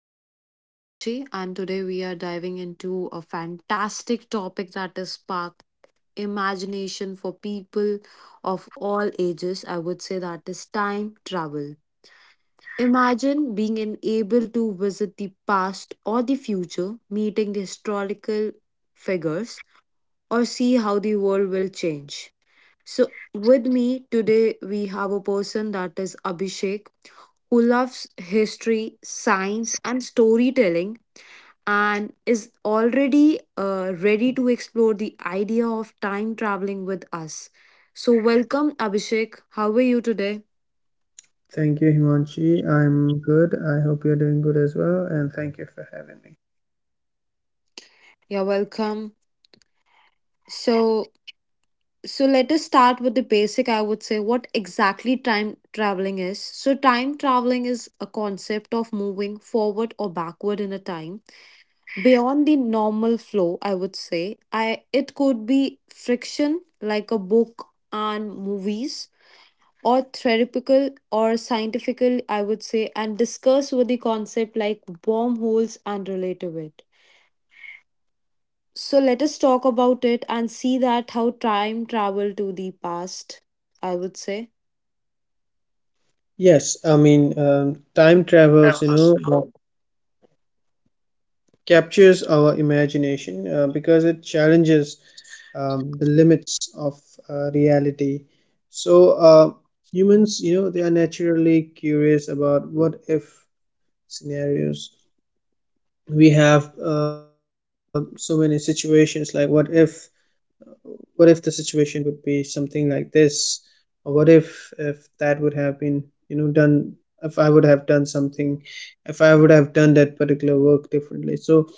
my name is Himanshi, and today we are diving into a fantastic topic that is spark imagination for people of all ages. I would say that is time travel. Imagine able to visit the past or the future, meeting the historical figures, or see how the world will change. So, with me today, we have a person that is Abhishek, who loves history, science, and storytelling, and is already ready to explore the idea of time traveling with us. So, welcome, Abhishek. How are you today? Thank you, Himanshi. I'm good. I hope you're doing good as well, and thank you for having me. Yeah, welcome. So, so, let us start with the basic. I would say what exactly time traveling is. So, time traveling is a concept of moving forward or backward in a time beyond the normal flow, I would say. I It could be friction like a book and movies, or theoretical or scientifical, I would say, and discuss with the concept like wormholes and related it. So let us talk about it and see that how time travel to the past, I would say. Yes, I mean, time travels, captures our imagination because it challenges the limits of reality. So, humans, they are naturally curious about what if scenarios. We have so many situations like what if, the situation would be something like this, or what if, that would have been, done. If I would have done something, if I would have done that particular work differently. So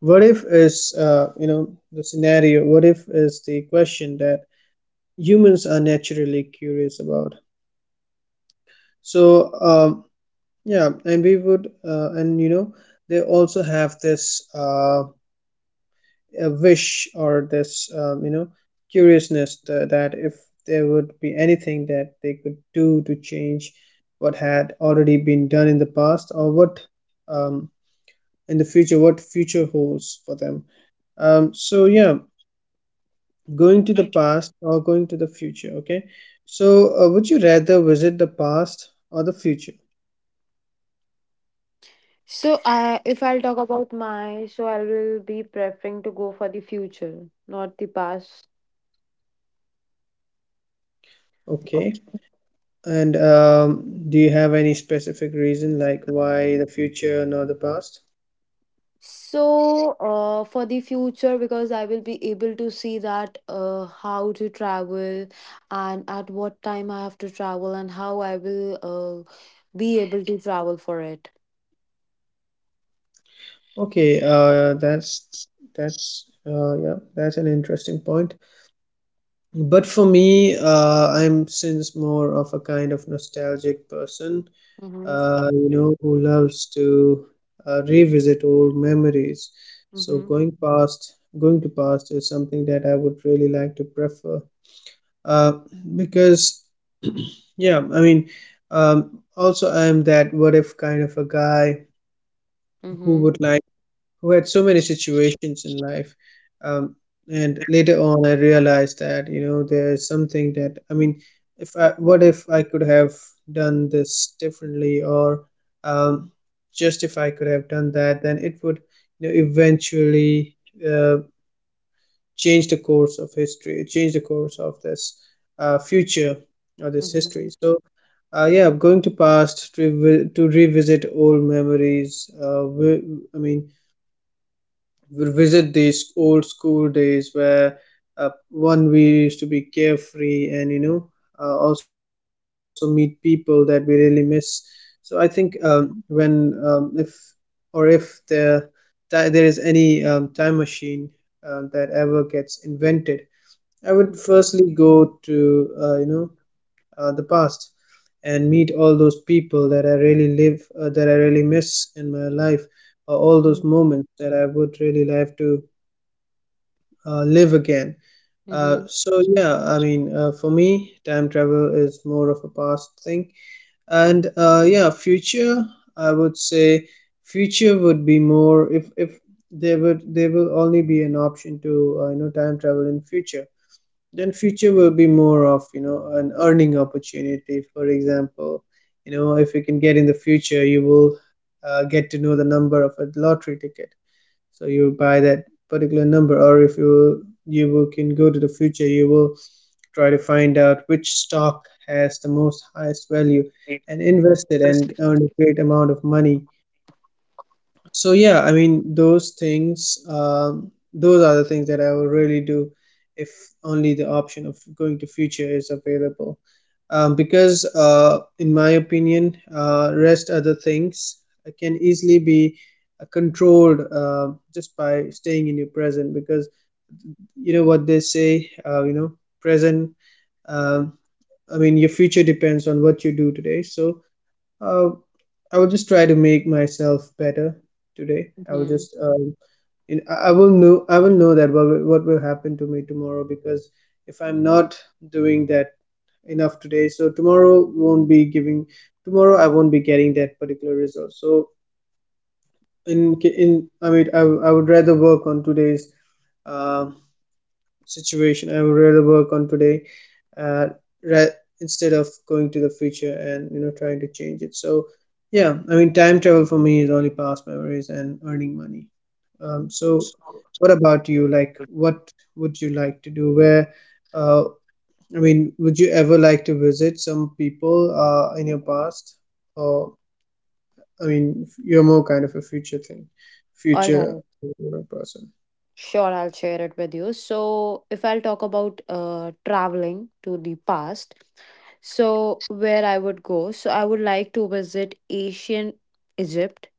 what if is the scenario. What if is the question that humans are naturally curious about. So um, yeah. and we would And they also have this a wish, or this curiousness, that if there would be anything that they could do to change what had already been done in the past, or what, um, in the future, what future holds for them. So yeah, going to the past or going to the future. Okay, so would you rather visit the past or the future? So if I'll talk about my so I will be preferring to go for the future, not the past. Okay, and do you have any specific reason, like why the future nor the past? So, for the future, because I will be able to see that how to travel and at what time I have to travel and how I will be able to travel for it. Okay, that's yeah, that's an interesting point. But for me, I'm since more of a kind of nostalgic person, Mm-hmm. Who loves to revisit old memories. So Mm-hmm. Going to past is something that I would really like to prefer. Uh, because yeah, I mean, also I'm that what if kind of a guy who would like who had so many situations in life. Um, and later on, I realized that, there's something that, I mean, if I what if I could have done this differently, or um, just if I could have done that, then it would, eventually uh, change the course of history, change the course of this future or this Mm-hmm. Mm-hmm. history. So yeah, going to past to revisit old memories. I mean, visit these old school days where, one we used to be carefree, and also meet people that we really miss. So I think when if or if there is any time machine that ever gets invented, I would Mm-hmm. firstly go to the past, and meet all those people that I really miss in my life, or all those Mm-hmm. moments that I would really like to live again. Mm-hmm. So yeah, I mean, for me, time travel is more of a past thing, and yeah, future. I would say future would be more if there will only be an option to time travel in future. Then future will be more of, an earning opportunity. For example, if you can get in the future, you will get to know the number of a lottery ticket, so you buy that particular number. Or if you, can go to the future, you will try to find out which stock has the most highest value, and invest it and earn a great amount of money. So yeah, I mean those things. Those are the things that I would really do if only the option of going to future is available. Because in my opinion, rest other things can easily be controlled, just by staying in your present. Because you know what they say. Present. Um, I mean your future depends on what you do today. So uh, I will just try to make myself better today. I will Mm-hmm. just, you I will know that what will happen to me tomorrow, because if I'm not doing that enough today, so tomorrow won't be giving. Tomorrow I won't be getting that particular result. So I mean, I would rather work on today's uh situation. I would rather work on today, uh, ra- instead of going to the future and, trying to change it. So yeah, I mean time travel for me is only past memories and earning money. So what about you? Like what would you like to do? Where, uh, I mean, would you ever like to visit some people in your past? Or, I mean, you're more kind of a future thing, All future right. person. Sure, I'll share it with you. So, if I'll talk about traveling to the past, so where I would go, so I would like to visit ancient Egypt,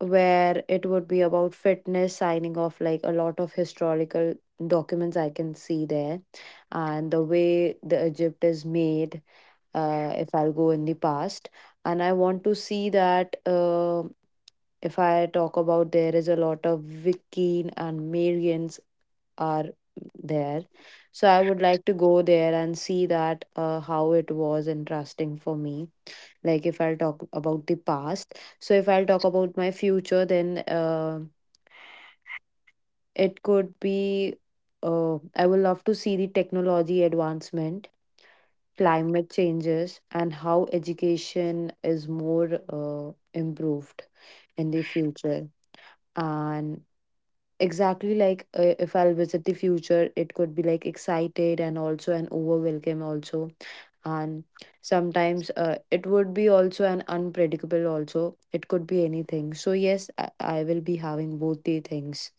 where it would be about fitness signing off like a lot of historical documents I can see there, and the way the Egypt is made. If I'll go in the past, and I want to see that, if I talk about, there is a lot of Wiccan and Marians are there. So I would like to go there and see that, how it was interesting for me, like if I'll talk about the past. So if I'll talk about my future, then it could be, I would love to see the technology advancement, climate changes, and how education is more improved in the future. And exactly like, if I'll visit the future, it could be like excited and also an overwhelm also, and sometimes it would be also an unpredictable also, it could be anything. So yes, I will be having both the things.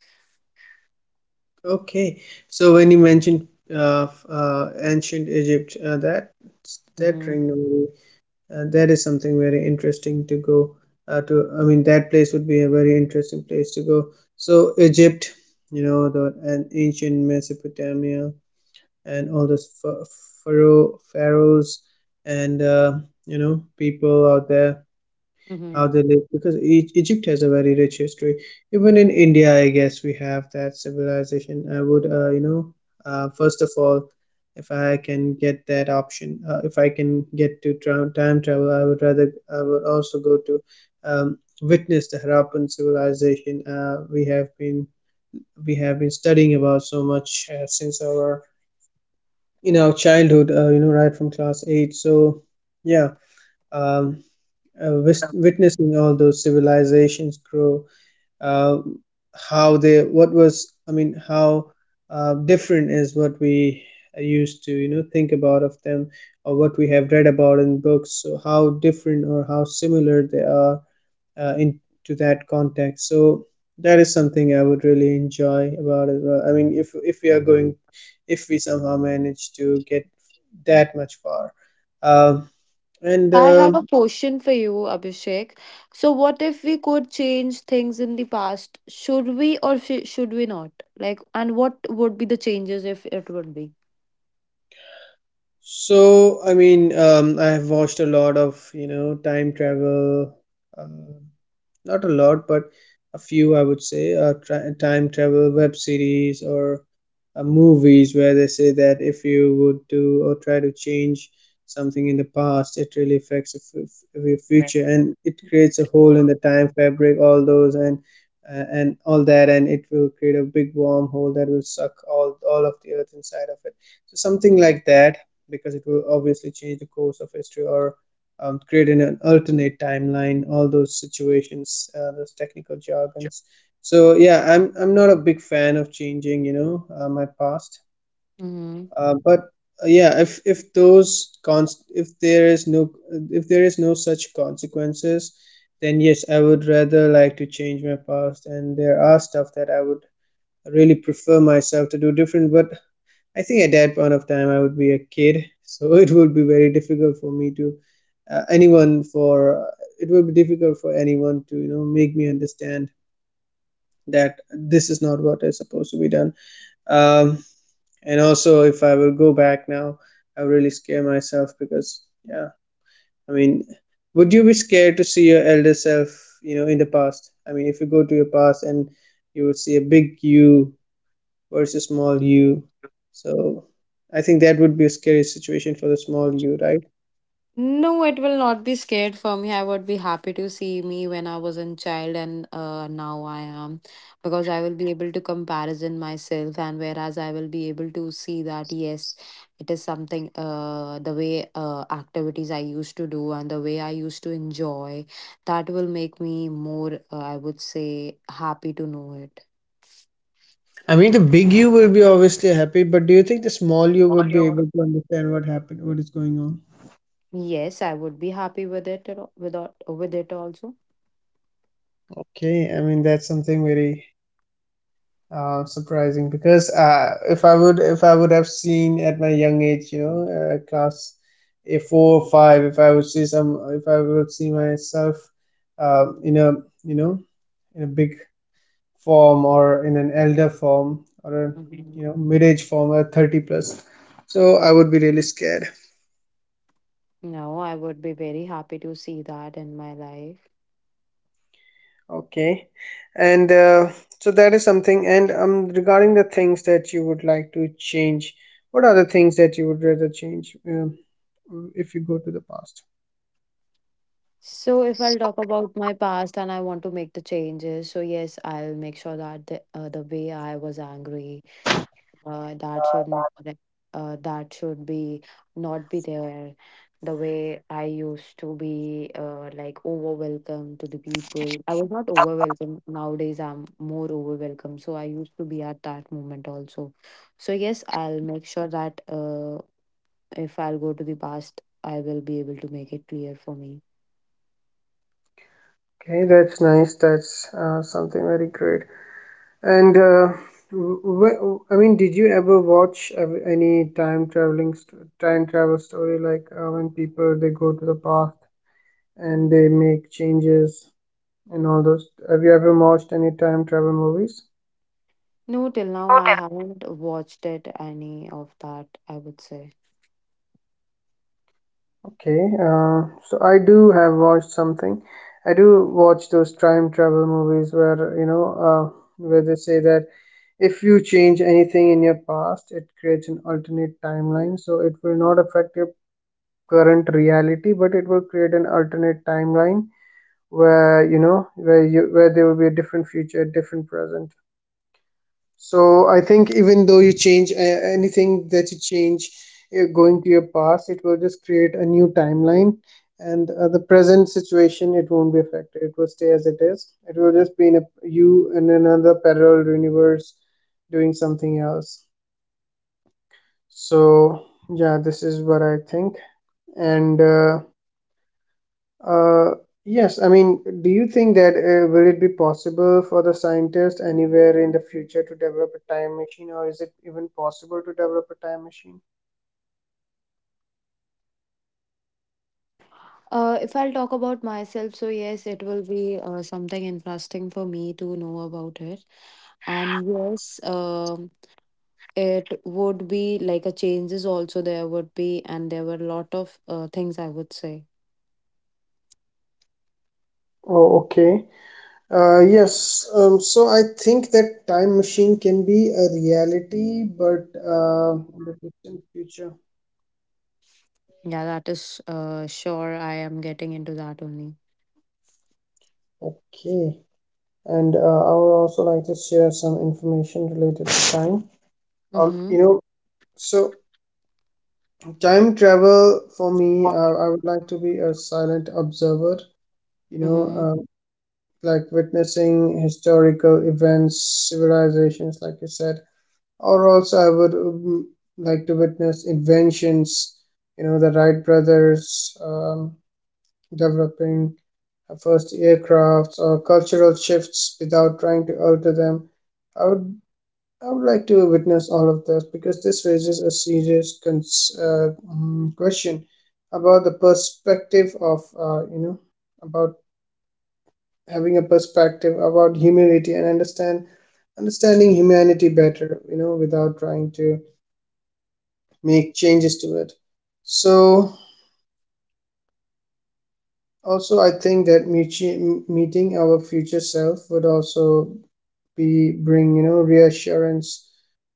Okay, so when you mentioned ancient Egypt, that Hmm. ring, that is something very interesting to go to. I mean, that place would be a very interesting place to go. So Egypt, the and ancient Mesopotamia, and all those pharaohs, and people out there, how Hmm. they live, because Egypt has a very rich history. Even in India, I guess we have that civilization. I would, first of all, if I can get that option, if I can get to time travel, I would also go to, witness the Harappan civilization. We have been studying about so much since our in our childhood, right from class eight. So yeah. Um, Witnessing all those civilizations grow, uh, how they what was I mean, how different is what we used to, think about of them, or what we have read about in books, so how different or how similar they are in to that context. So that is something I would really enjoy about as well. I mean, if we are going, if we somehow manage to get that much far. Um, and I have a question for you, Abhishek. So what if we could change things in the past, should we or should we not, like, and what would be the changes if it would be? So, I mean, I have watched a lot of, time travel. Um, Not a lot, but a few, I would say, time travel web series, or movies where they say that if you would do or try to change something in the past, it really affects your, your future, and it creates a hole in the time fabric, all those, and all that, and it will create a big wormhole that will suck all of the earth inside of it. So something like that, because it will obviously change the course of history, or create an, alternate timeline. All those situations, those technical jargons. So yeah, I'm not a big fan of changing, my past. But yeah, if there is no such consequences, then yes, I would rather like to change my past. And there are stuff that I would really prefer myself to do different. But I think at that point of time I would be a kid, so it would be very difficult for me to, anyone for, it would be difficult for anyone to, make me understand that this is not what is supposed to be done. Um, and also, if I will go back now, I would really scare myself, because yeah, I mean, would you be scared to see your elder self, in the past? I mean, if you go to your past and you would see a big you versus small u. So I think that would be a scary situation for the small u, right? No, it will not be scared for me. I would be happy to see me when I was a child and now I am, because I will be able to comparison myself, and whereas I will be able to see that yes, it is something, the way activities I used to do and the way I used to enjoy, that will make me more, I would say, happy to know it. I mean, the big U will be obviously happy, but do you think the small U would be able to understand what happened, what is going on? Yes, I would be happy with without with it also. Okay, I mean that's something very surprising, because if I would have seen at my young age, class a four or five. If I would see some, If I would see myself in a, you know in a big form, or in an elder form, or a, Mhm. Mid-age form, or 30 plus. So I would be really scared. No, I would be very happy to see that in my life. Okay, and so that is something. And regarding the things that you would like to change, what are the things that you would rather change, if you go to the past? So if I'll talk about my past and I want to make the changes, so yes, I'll make sure that the, the way I was angry, uh, that should not, re- that should be not be there. The way I used to be like overwhelmed to the people, I was not overwhelmed. Nowadays, I'm more overwhelmed. So I used to be at that moment also. So yes, I'll make sure that, if I'll go to the past, I will be able to make it clear for me. Okay, that's nice, that's something very great. And I mean, did you ever watch any time travel story, like when people they go to the past and they make changes and all those. Have you ever watched any time travel movies? No, till now I haven't watched it any of that, I would say. Okay, so I do have watched something. I do watch those time travel movies where, they say that if you change anything in your past, it creates an alternate timeline. So it will not affect your current reality, but it will create an alternate timeline where, you know, where there will be a different future, different present. So I think even though you change anything that you change going to your past, it will just create a new timeline. And The present situation, it won't be affected. It will stay as it is. It will just be in a, you in another parallel universe doing something else. So yeah, this is what I think. And uh, yes, I mean, do you think that will it be possible for the scientist anywhere in the future to develop a time machine, or is it even possible to develop a time machine? If I'll talk about myself, so yes, it will be something interesting for me to know about it. And yes, it would be like a changes also there would be, and there were a lot of things, I would say. Oh, okay. Yes. So I think that time machine can be a reality, but in the distant future. Yeah, that is sure. I am getting into that only. Okay. And I would also like to share some information related to time. Um, Mm-hmm. you know, so Time travel for me, I would like to be a silent observer, you know, Mm-hmm. Like witnessing historical events, civilizations, like you said, or also I would like to witness inventions, you know, the Wright brothers developing first aircrafts or cultural shifts without trying to alter them. I would I would like to witness all of this because this raises a serious question about the perspective of you know about having a perspective about humility and understanding humanity better, you know, without trying to make changes to it. So also I think that meeting our future self would also be bring, you know, reassurance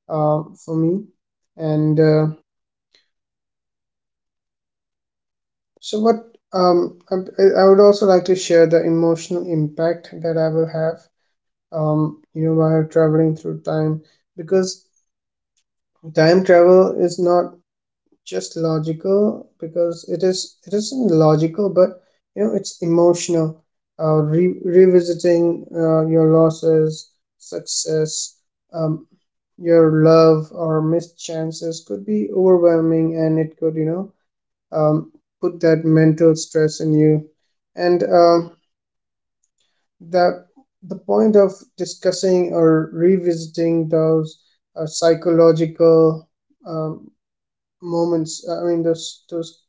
for me and. So what um, I I would also like to share the emotional impact that I will have, you know, while traveling through time, because time travel is not just logical, because it isn't logical, but you know, it's emotional. Revisiting your losses, success, um, your love or missed chances could be overwhelming, and it could, you know, um, put that mental stress in you and the point of discussing or revisiting those psychological um, moments, I mean those those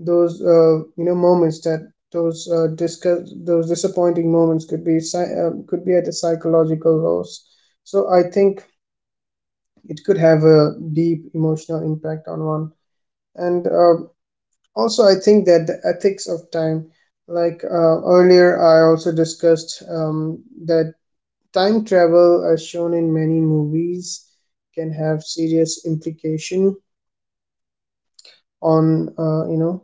those uh, you know moments that those disappointing moments could be at a psychological loss. So I think it could have a deep emotional impact on one. And also, I think that the ethics of time, like earlier I also discussed that time travel, as shown in many movies, can have serious implication on you know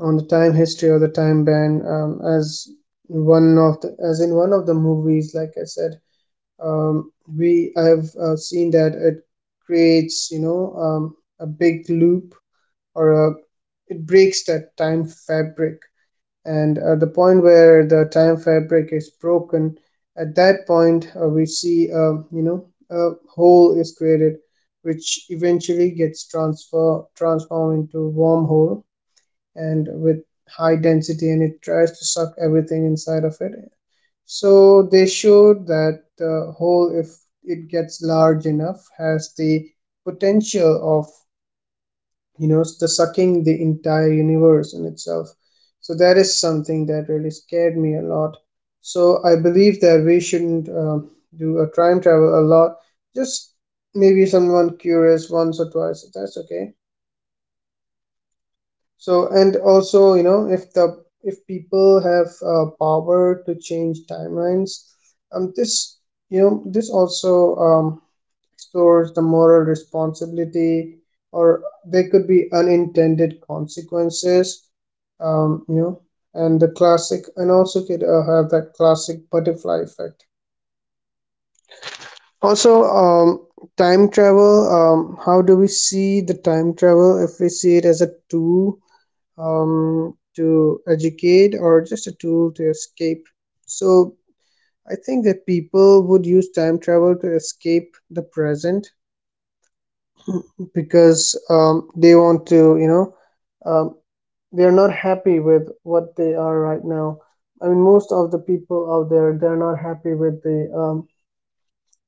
on the time history or the time band. As one of the movies, like I said, we I've seen that it creates, you know, a big loop or a it breaks that time fabric and the point where the time fabric is broken, at that point we see, a hole is created which eventually gets transfer transformed into a wormhole and with high density, and it tries to suck everything inside of it. So they showed that the hole, if it gets large enough, has the potential of, you know, the sucking the entire universe in itself. So that is something that really scared me a lot. So I believe that we shouldn't do a time travel a lot. Just maybe someone curious once or twice, that's okay. So and also, you know, if people have power to change timelines, this, you know, this also explores the moral responsibility, or there could be unintended consequences, you know, and the classic, and also could have that classic butterfly effect. Also, time travel, how do we see the time travel? If we see it as a tool, to educate or just a tool to escape. So I think that people would use time travel to escape the present, because they want to, you know, um, they are not happy with what they are right now. I mean, most of the people out there, they're not happy with the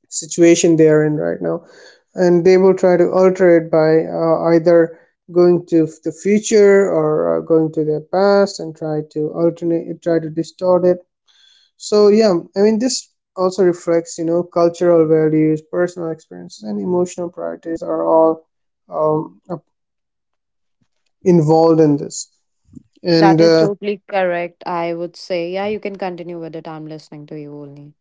situation they are in right now. And they will try to alter it by either going to the future or going to their past and try to alternate, try to distort it. So, yeah, I mean, this also reflects, you know, cultural values, personal experiences, and emotional priorities are all a involved in this. And That is totally correct, I would say. Yeah, you can continue with it. I'm listening to you only.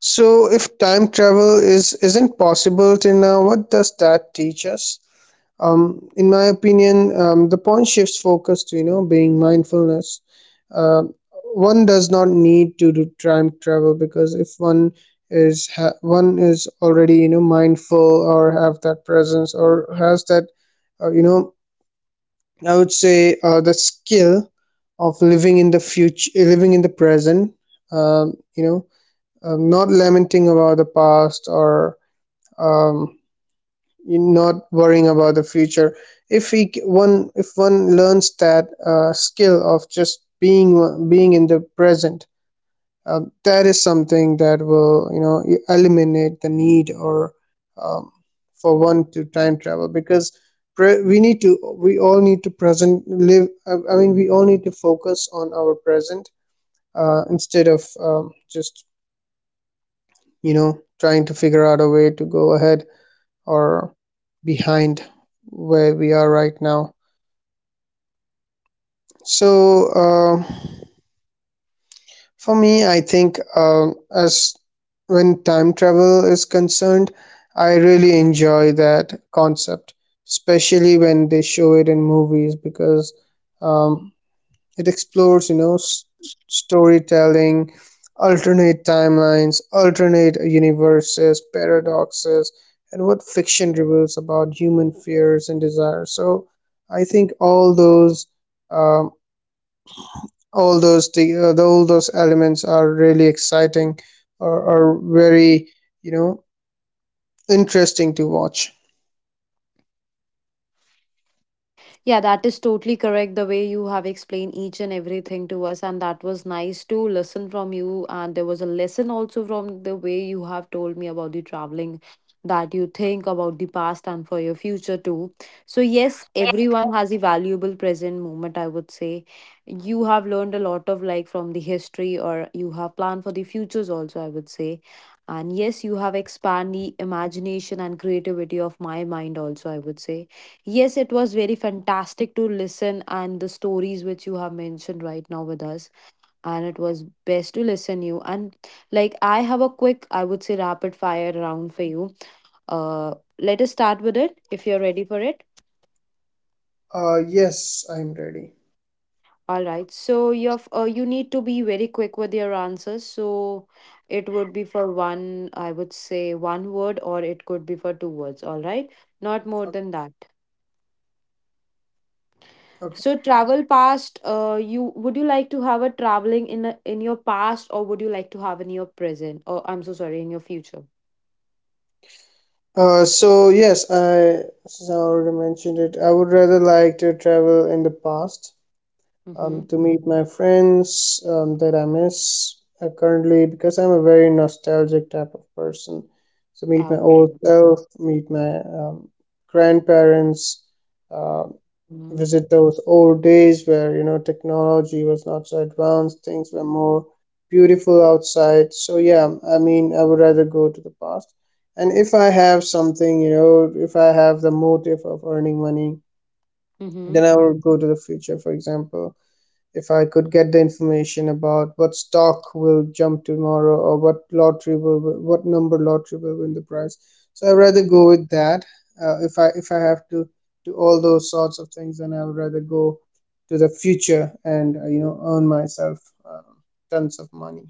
so, if time travel is isn't possible till now, what does that teach us? In my opinion, the point shifts focus to, you know, being mindfulness. Uh, One does not need to do time travel because if one is already, you know, mindful or have that presence or has that you know, I would say the skill of living in the future, living in the present, um, you know not lamenting about the past or um, not worrying about the future. If one learns that skill of just being in the present, that is something that will, you know, eliminate the need or um, for one to time travel because we all need to present live. I mean, we all need to focus on our present instead of just, you know, trying to figure out a way to go ahead or behind where we are right now. So, for me, I think as when time travel is concerned, I really enjoy that concept, especially when they show it in movies because um, it explores, you know, storytelling, alternate timelines, alternate universes, paradoxes, and what fiction reveals about human fears and desires. So I think all those, um, all those elements are really exciting, or are very, you know, interesting to watch. Yeah, that is totally correct. The way you have explained each and everything to us, and that was nice to listen from you. And there was a lesson also from the way you have told me about the traveling, that you think about the past and for your future too. So, yes, everyone has a valuable present moment, I would say. You have learned a lot of like from the history, or you have planned for the futures also, I would say. And yes, you have expanded the imagination and creativity of my mind also, I would say. Yes, it was very fantastic to listen and the stories which you have mentioned right now with us. And it was best to listen you. And like I have a quick, I would say, rapid fire round for you. Uh Let us start with it if you're ready for it. Yes, I'm ready. All right. So you have, you need to be very quick with your answers. So it would be for one, I would say, one word or it could be for two words, all right? Not more than that. Okay. So travel past, you would you like to have a traveling in your past, or would you like to have in your present? Or I'm so sorry, in your future. So yes, I, since I already mentioned it, I would rather like to travel in the past, Mm-hmm. To meet my friends, that I miss currently because I'm a very nostalgic type of person. So meet my old Okay. self, meet my grandparents, uh, Mm-hmm. visit those old days where, you know, technology was not so advanced, things were more beautiful outside. So yeah, I mean, I would rather go to the past. And if I have something, you know, if I have the motive of earning money, Mm-hmm. then I would go to the future. For example, if I could get the information about what stock will jump tomorrow, or what lottery will, what number lottery will win the prize. So I'd rather Hmm. go with that. If I have to do all those sorts of things, then I would rather go to the future and, you know, earn myself um, tons of money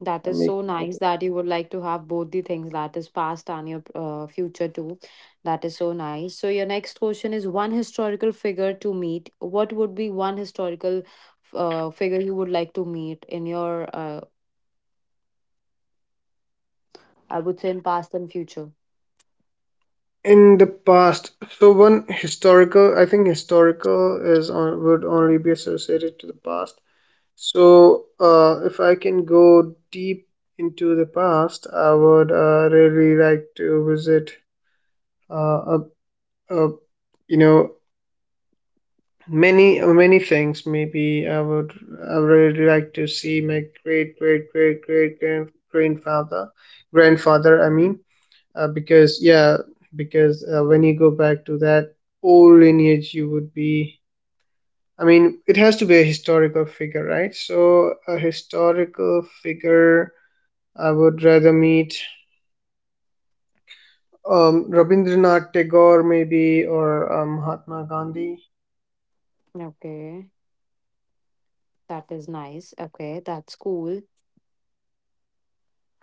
That and is make so it nice better. that you would like to have both the things, that is past and your future too. That is so nice. So your next question is one historical figure to meet. What would be one historical figure you would like to meet in your, I would say, in past and future? In the past. So one historical, I think historical is on, would only be associated to the past. So, if I can go deep into the past, I would really like to visit, uh, a, a, you know, many many things. Maybe I would really like to see my great great great great grandfather, grandfather. I mean, uh, because yeah, because when you go back to that old lineage, you would be. I mean, it has to be a historical figure, right? So, a historical figure I would rather meet Rabindranath Tagore, maybe, or Mahatma Gandhi. Okay. That is nice. Okay, that's cool.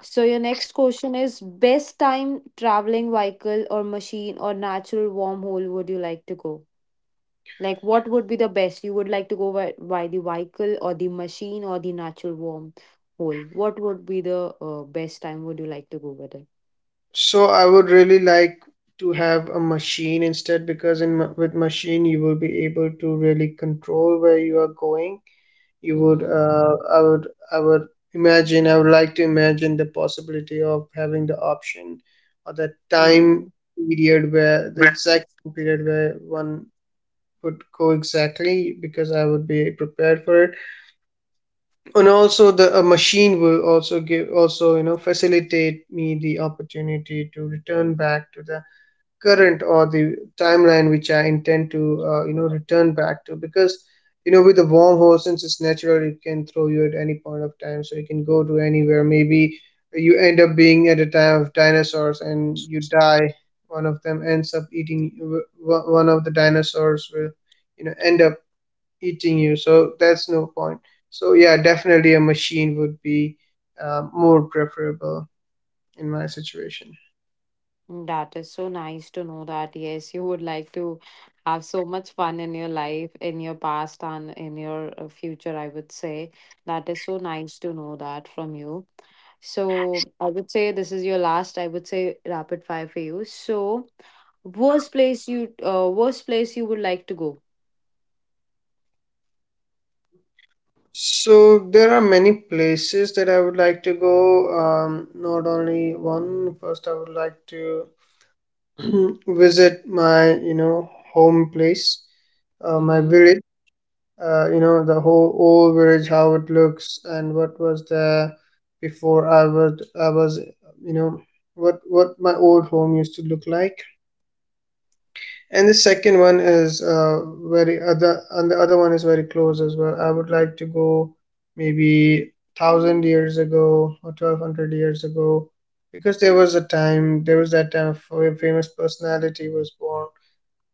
So your next question is, best time traveling vehicle or machine or natural wormhole would you like to go? Like what would be the best? You would like to go by the vehicle or the machine or the natural wormhole? What would be the best time would you like to go with it? So I would really like to have a machine instead, because with machine you will be able to really control where you are going. You would, Mm-hmm. I would, I would imagine. I would like to imagine the possibility of having the option or the time Mm-hmm. period where the exact period where one would go exactly, because I would be prepared for it. And also the a machine will also give, also, you know, facilitate me the opportunity to return back to the current or the timeline which I intend to, you know, return back to. Because, you know, with the wormhole, since it's natural, it can throw you at any point of time, so you can go to anywhere. Maybe you end up being at a time of dinosaurs and you die. One of the dinosaurs will, you know, end up eating you. So that's no point. So yeah, definitely a machine would be more preferable in my situation. That is so nice to know that, yes, you would like to have so much fun in your life, in your past, and in your future, I would say. That is so nice to know that from you. So, I would say this is your last, I would say, rapid fire for you. So, worst place you would like to go. So there are many places that I would like to go. Not only one. First, I would like to visit my, you know, home place, my Mm-hmm. village. You know, the whole old village, how it looks, and what was there before I was, you know, what my old home used to look like. And the second one is very other and the other one is very close as well. I would like to go maybe 1000 years ago or 1200 years ago, because there was a time, there was that time where a famous personality was born.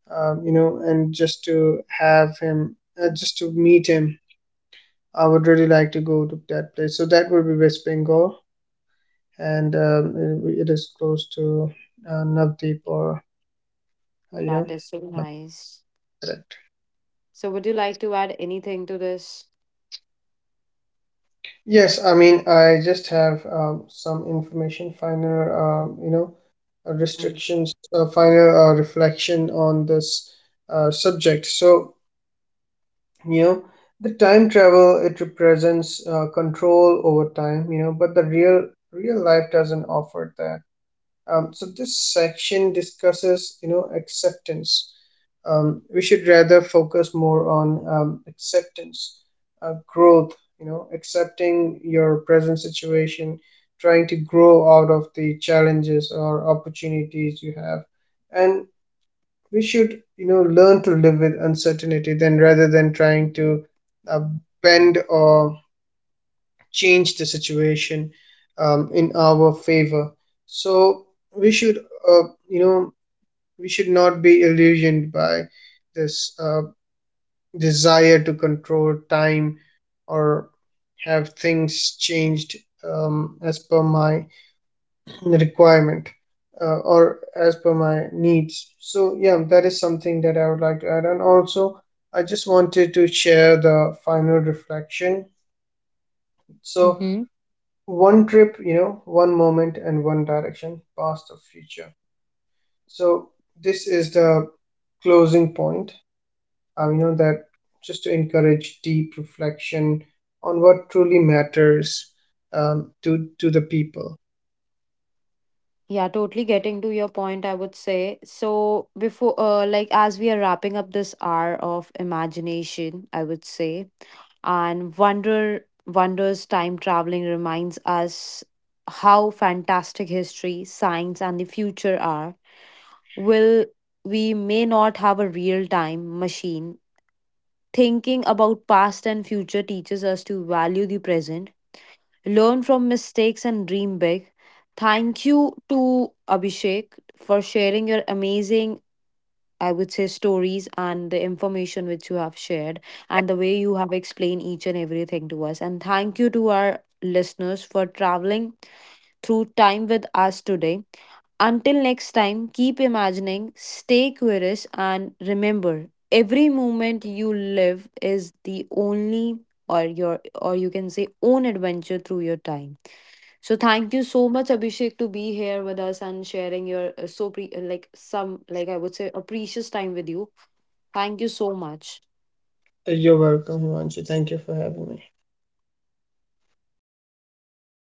You know, and just to have him, just to meet him, I would really like to go to that place. So that would be West Bengal. And It it is close to Navdeep or uh, you know That is so nice. So, would you like to add anything to this? yes, I mean, I just have some information, final, Mm-hmm. Final reflection on this subject. So, you know, the time travel, it represents control over time, you know, but the real life doesn't offer that. So this section discusses, you know, acceptance. We should rather focus more on acceptance, growth, you know, accepting your present situation, trying to grow out of the challenges or opportunities you have, and we should, you know, learn to live with uncertainty, then, rather than trying to uh, bend or change the situation in our favor. So we should, uh, you know we should not be illusioned by this desire to control time, or have things changed, as per my requirement, or as per my needs. So, yeah, that is something that I would like to add. And also, I just wanted to share the final reflection. So, one trip, you know, one moment and one direction, past or future. So, this is the closing point, you know, that just to encourage deep reflection on what truly matters, to the people. Yeah, totally getting to your point, I would say. So, before, like, as we are wrapping up this hour of imagination, I would say, and wonder, wonders, time traveling reminds us how fantastic history, science, and the future are. Will, we may not have a real time machine. Thinking about past and future teaches us to value the present, learn from mistakes, and dream big. Thank you to Abhishek for sharing your amazing, I would say, stories and the information which you have shared, and the way you have explained each and everything to us. And thank you to our listeners for traveling through time with us today. Until next time, keep imagining, stay curious, and remember, every moment you live is the only or your, or you can say, own adventure through your time. So thank you so much, Abhishek, to be here with us and sharing your like some, like, I would say, a precious time with you. Thank you so much. You're welcome, Himanshu. Thank you for having me.